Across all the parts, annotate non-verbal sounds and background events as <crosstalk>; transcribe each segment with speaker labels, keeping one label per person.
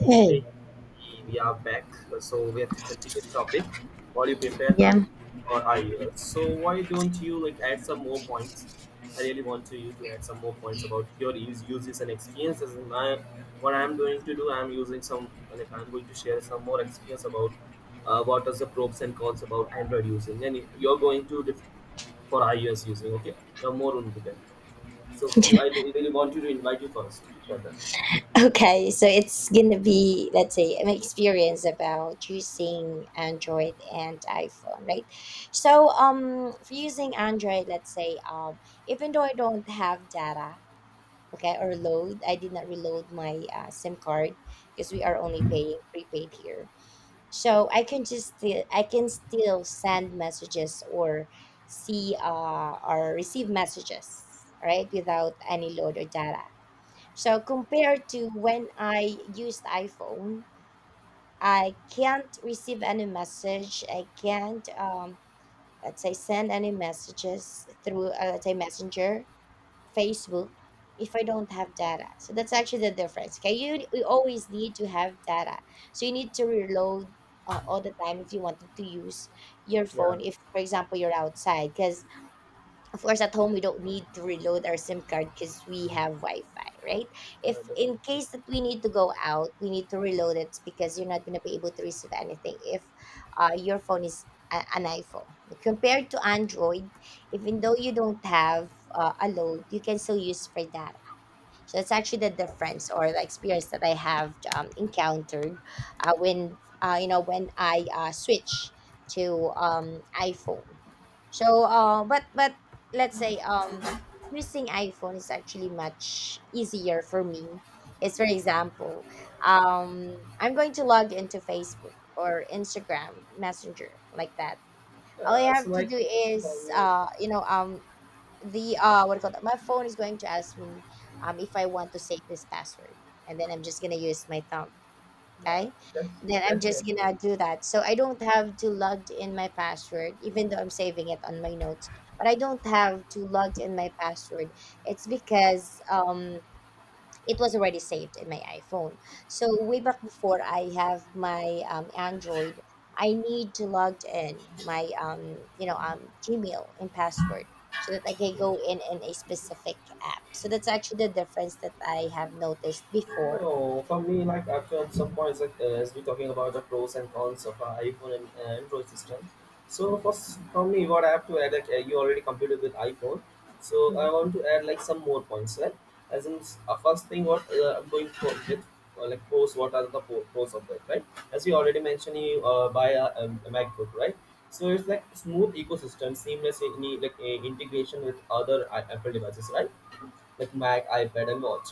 Speaker 1: Hey.
Speaker 2: Hey, we are back. So we have to continue topic. What do you prefer, I
Speaker 1: Yeah. <laughs>
Speaker 2: or iOS? So why don't you like add some more points? I really want to you to add some more points about your use, uses and experiences. And my, what I'm going to do, I'm using some like I'm going to share some more experience about what are the pros and cons about Android using, and you're going to dif- for iOS using. Okay, you're more into that. So you, I really want you to invite you first for that.
Speaker 1: Okay, so it's gonna be, let's say, an experience about using Android and iPhone, right? So for using Android, let's say, even though I don't have data, okay, or load, I did not reload my SIM card because we are only paying prepaid here. So I can just still I can still send messages or see or receive messages, right, without any load or data. So compared to when I used iPhone, I can't receive any message. I can't, let's say, send any messages through, let's say, Messenger, Facebook, if I don't have data. So that's actually the difference. Okay, you always need to have data. So you need to reload all the time if you wanted to use your
Speaker 2: Yeah,
Speaker 1: phone. If, for example, you're outside, because of course at home we don't need to reload our SIM card because we have wi-fi, right?
Speaker 2: yeah,
Speaker 1: If in
Speaker 2: definitely.
Speaker 1: case that we need to go out, we need to reload it, because you're not going to be able to receive anything if your phone is an iPhone compared to Android. Even though you don't have a load, you can still use for data. So it's actually the difference or the experience that I have encountered when when I switch to iPhone. So, but let's say, using iPhone is actually much easier for me. It's for example, I'm going to log into Facebook or Instagram Messenger, like that. All I have
Speaker 2: So
Speaker 1: to
Speaker 2: like
Speaker 1: do
Speaker 2: for
Speaker 1: is
Speaker 2: me,
Speaker 1: the what do you call that? My phone is going to ask me if I want to save this password, and then I'm just gonna use my thumb.
Speaker 2: uh,
Speaker 1: Okay,
Speaker 2: that's
Speaker 1: and then I'm just
Speaker 2: definitely.
Speaker 1: gonna do that. So I don't have to log in my password, even though I'm saving it on my notes. But I don't have to log in my password. It's because it was already saved in my iPhone. So way back before I have my Android, I need to log in my Gmail and password, so that I can go in a specific app. So that's actually the difference that I have noticed before.
Speaker 2: No, for me, like after some points, like, as we talking about the pros and cons of iPhone and Android system. So first, for me, what I have to add, like, you already completed with iPhone. So I
Speaker 1: Mhm.
Speaker 2: want to add like some more points, right? As in, first thing, what I'm going for with like pros, what are the pros of that, right? As you already mentioned, you buy a MacBook, right? So it's like smooth ecosystem, seamless in, like integration with other Apple devices, right? Like Mac, iPad, and watch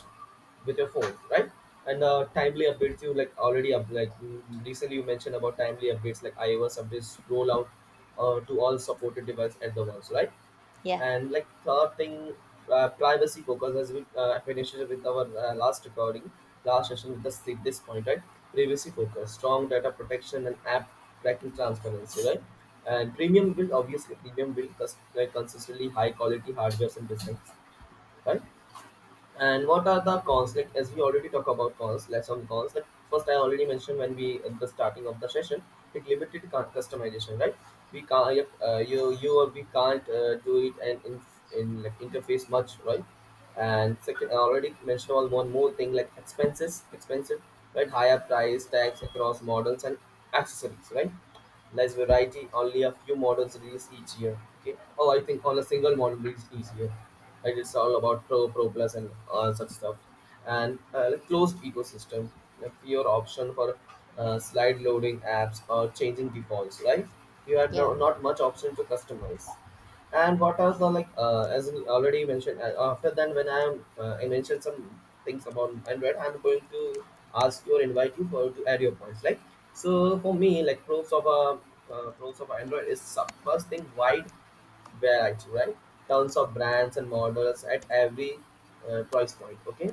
Speaker 2: with your phone, right? And timely updates you like already recently you mentioned about timely updates like iOS updates roll out to all supported devices at the once, right?
Speaker 1: Yeah,
Speaker 2: And like third thing, privacy focus has been finished with our last recording, last session with the sleep this point, right? Privacy focus, strong data protection and app tracking transparency, right? And premium build, obviously premium build like consistently high quality hardware and designs, right? And what are the cons? Like as we already talk about cons, let's on cons. Like first, I already mentioned when we at the starting of the session, like limited customization, right? We can't yep, you or we can't do it and in like interface much, right? And second, I already mentioned all one more thing like expenses, expensive, right? Higher price tags across models and accessories, right? Less variety, only a few models released each year. Okay. Oh, I think on a single model released each year. Like it's all about Pro, Pro Plus, and all such stuff. And like closed ecosystem, a pure option for slide loading apps or changing defaults. Right? You had
Speaker 1: yeah,
Speaker 2: no, not much option to customize. And what are the like as you already mentioned? After then, when I am I mentioned some things about Android, I'm going to ask you or invite you for to add your points. Like so, for me, like pros of Android is first thing wide variety, right? Tons of brands and models at every price point. Okay,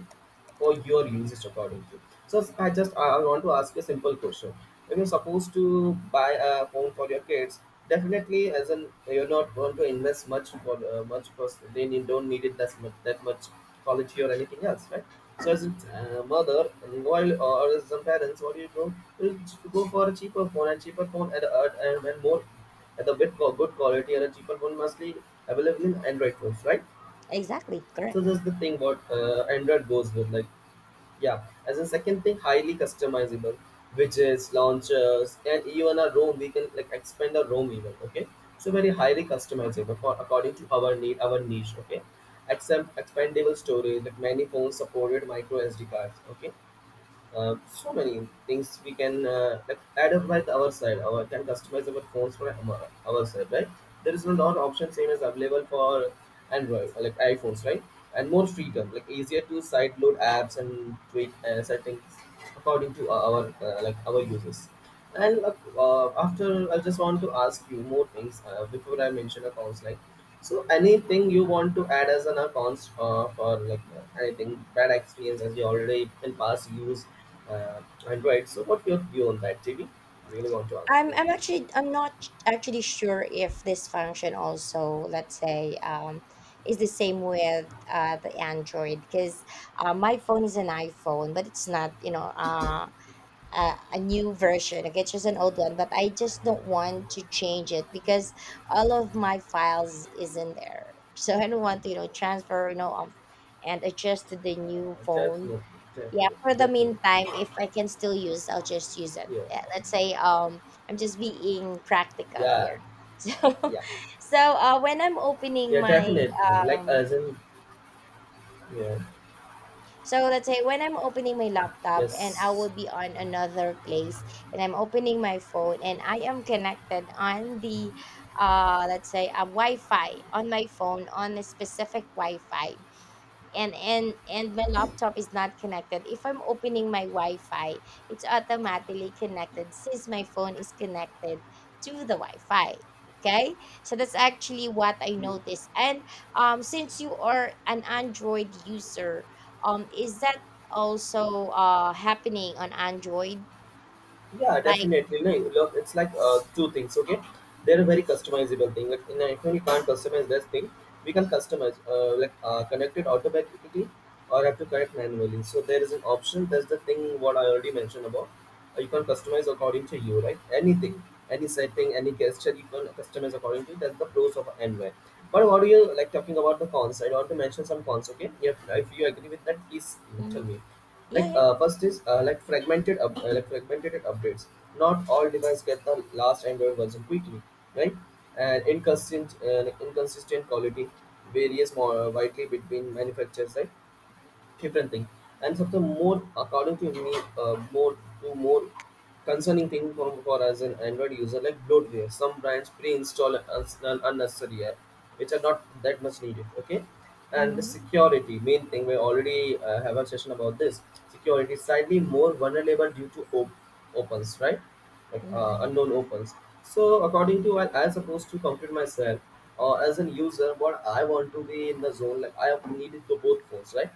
Speaker 2: for your usage accordingly. So I want to ask you a simple question. If you're supposed to buy a phone for your kids, definitely as an you're not going to invest much for much because they need, don't need it that much quality or anything else, right? So as a mother and while or as some parents, what do? You go for a cheaper phone and cheaper phone and more at the bit good quality and a cheaper phone mostly available in Android phones, right?
Speaker 1: exactly,
Speaker 2: So
Speaker 1: correct.
Speaker 2: that's the thing what Android goes with like yeah, as a second thing, highly customizable widgets, launchers, and even a ROM. We can like expand a ROM even. Okay, so very highly customizable for according to our need, our niche. Okay, except expandable storage like many phones supported micro SD cards. Okay, so many things we can like add up by our side. Our can customize our phones for our side, right? There is no lot option same as available for Android, like iPhones, right? And more freedom, like easier to sideload apps and tweak settings according to our like our users. And after, I just want to ask you more things before I mention accounts like so anything you want to add as an accounts for like anything bad experience as you already in past use uh, Android. So what your view on that, JB? Really want to ask
Speaker 1: I'm
Speaker 2: you.
Speaker 1: I'm actually I'm not actually sure if this function also, let's say, is the same with the Android, because my phone is an iPhone, but it's not, a new version. Okay, it's just an old one, but I just don't want to change it because all of my files is in there, so I don't want to, transfer, and adjust to the new
Speaker 2: Uh,
Speaker 1: phone.
Speaker 2: definitely,
Speaker 1: Yeah, for the
Speaker 2: definitely.
Speaker 1: meantime, if I can still use, I'll just use it.
Speaker 2: Yeah,
Speaker 1: Yeah, let's say, I'm just being practical here.
Speaker 2: yeah,
Speaker 1: <laughs> So
Speaker 2: yeah,
Speaker 1: so when I'm opening
Speaker 2: yeah.
Speaker 1: my
Speaker 2: Definitely. Like
Speaker 1: um
Speaker 2: as in yeah,
Speaker 1: so let's say when I'm opening my laptop and I
Speaker 2: yes.
Speaker 1: will be on another place and I'm opening my phone, and I am connected on the, let's say, a Wi-Fi on my phone, on a specific Wi-Fi, and my laptop is not connected. If I'm opening my wi-fi, it's automatically connected since my phone is connected to the wi-fi. Okay, so that's actually what I noticed. And since you are an Android user, is that also happening on Android?
Speaker 2: Yeah,
Speaker 1: Like,
Speaker 2: definitely. No, look, it's like two things. Okay, they're a very customizable thing. Like, you if we can't customize this thing, we can customize connect it automatically or have to connect manually. So there is an option. That's the thing what I already mentioned about. You can customize according to you, right? Anything, any setting, any gesture, you can customize according to you. That's the pros of Android. But what do you like talking about the cons? I want to mention some cons. Okay, if you agree with that, please tell
Speaker 1: mm,
Speaker 2: me
Speaker 1: yeah,
Speaker 2: like
Speaker 1: yeah.
Speaker 2: first is like like fragmented updates, not all devices get the last Android version quickly, right? And inconsistent like inconsistent quality, varies more widely between manufacturers, right? Different thing. And something more according to me, more concerning thing for as an Android user, like bloatware, some brands pre-install an unnecessary app which are not that much needed. Okay, and the
Speaker 1: Mm-hmm.
Speaker 2: security main thing, we already have a session about this. Security is slightly more vulnerable due to opens, right? Like
Speaker 1: Mm-hmm.
Speaker 2: unknown opens. So according to what I supposed to compute myself, or as an user what I want to be in the zone, like I need it to both phones, right?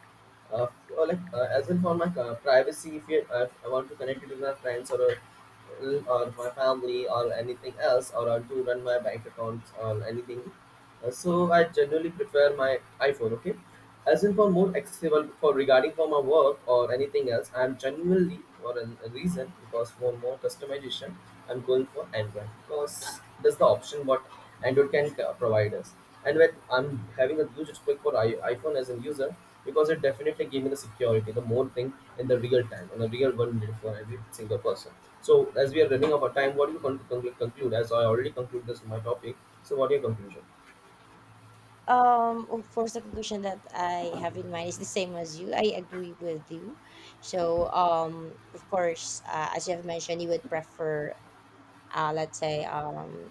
Speaker 2: uh, or like as in for my privacy, if you I want to connect it with my friends or my family or anything else, or want to run my bank accounts or anything. So I generally prefer my iPhone. Okay, as in for more accessible for regarding for my work or anything else, I'm genuinely for a reason because for more customization, I'm going for Android because that's the option what Android can provide us. And when I'm having a huge respect for iPhone as a user because it definitely gave me the security, the more thing in the real time, on a real world need for every single person. So as we are running out of time, what do you conclude? As I already conclude this my topic, so what are your conclusion?
Speaker 1: Of course, the conclusion that I have in mind is the same as you. I agree with you. So, of course, as you have mentioned, you would prefer, let's say,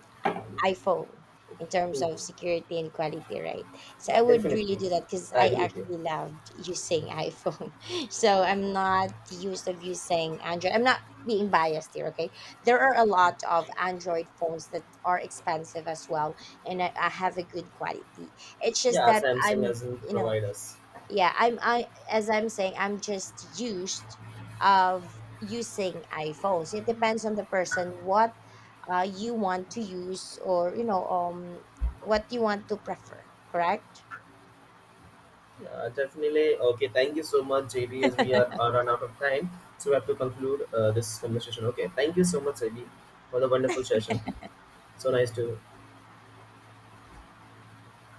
Speaker 1: iPhone, in terms of
Speaker 2: Mhm.
Speaker 1: security and quality, right? So
Speaker 2: Yeah,
Speaker 1: I would really
Speaker 2: definitely,
Speaker 1: do that because
Speaker 2: I
Speaker 1: I
Speaker 2: agree with you.
Speaker 1: actually loved using iPhone. <laughs> So I'm not used of using Android. I'm not being biased here, okay? There are a lot of Android phones that are expensive as well, and I have a good quality. It's just
Speaker 2: Yeah,
Speaker 1: that
Speaker 2: Samsung
Speaker 1: I'm,
Speaker 2: hasn't
Speaker 1: you know,
Speaker 2: provide us.
Speaker 1: yeah, I'm I as I'm saying, I'm just used of using iPhones. It depends on the person what you want to use, or what you want to prefer. Correct.
Speaker 2: Yeah, definitely. Okay, thank you so much, JB, as we are run out of time. So we have to conclude this conversation. Okay, thank you so much, JB, for the wonderful session. So nice to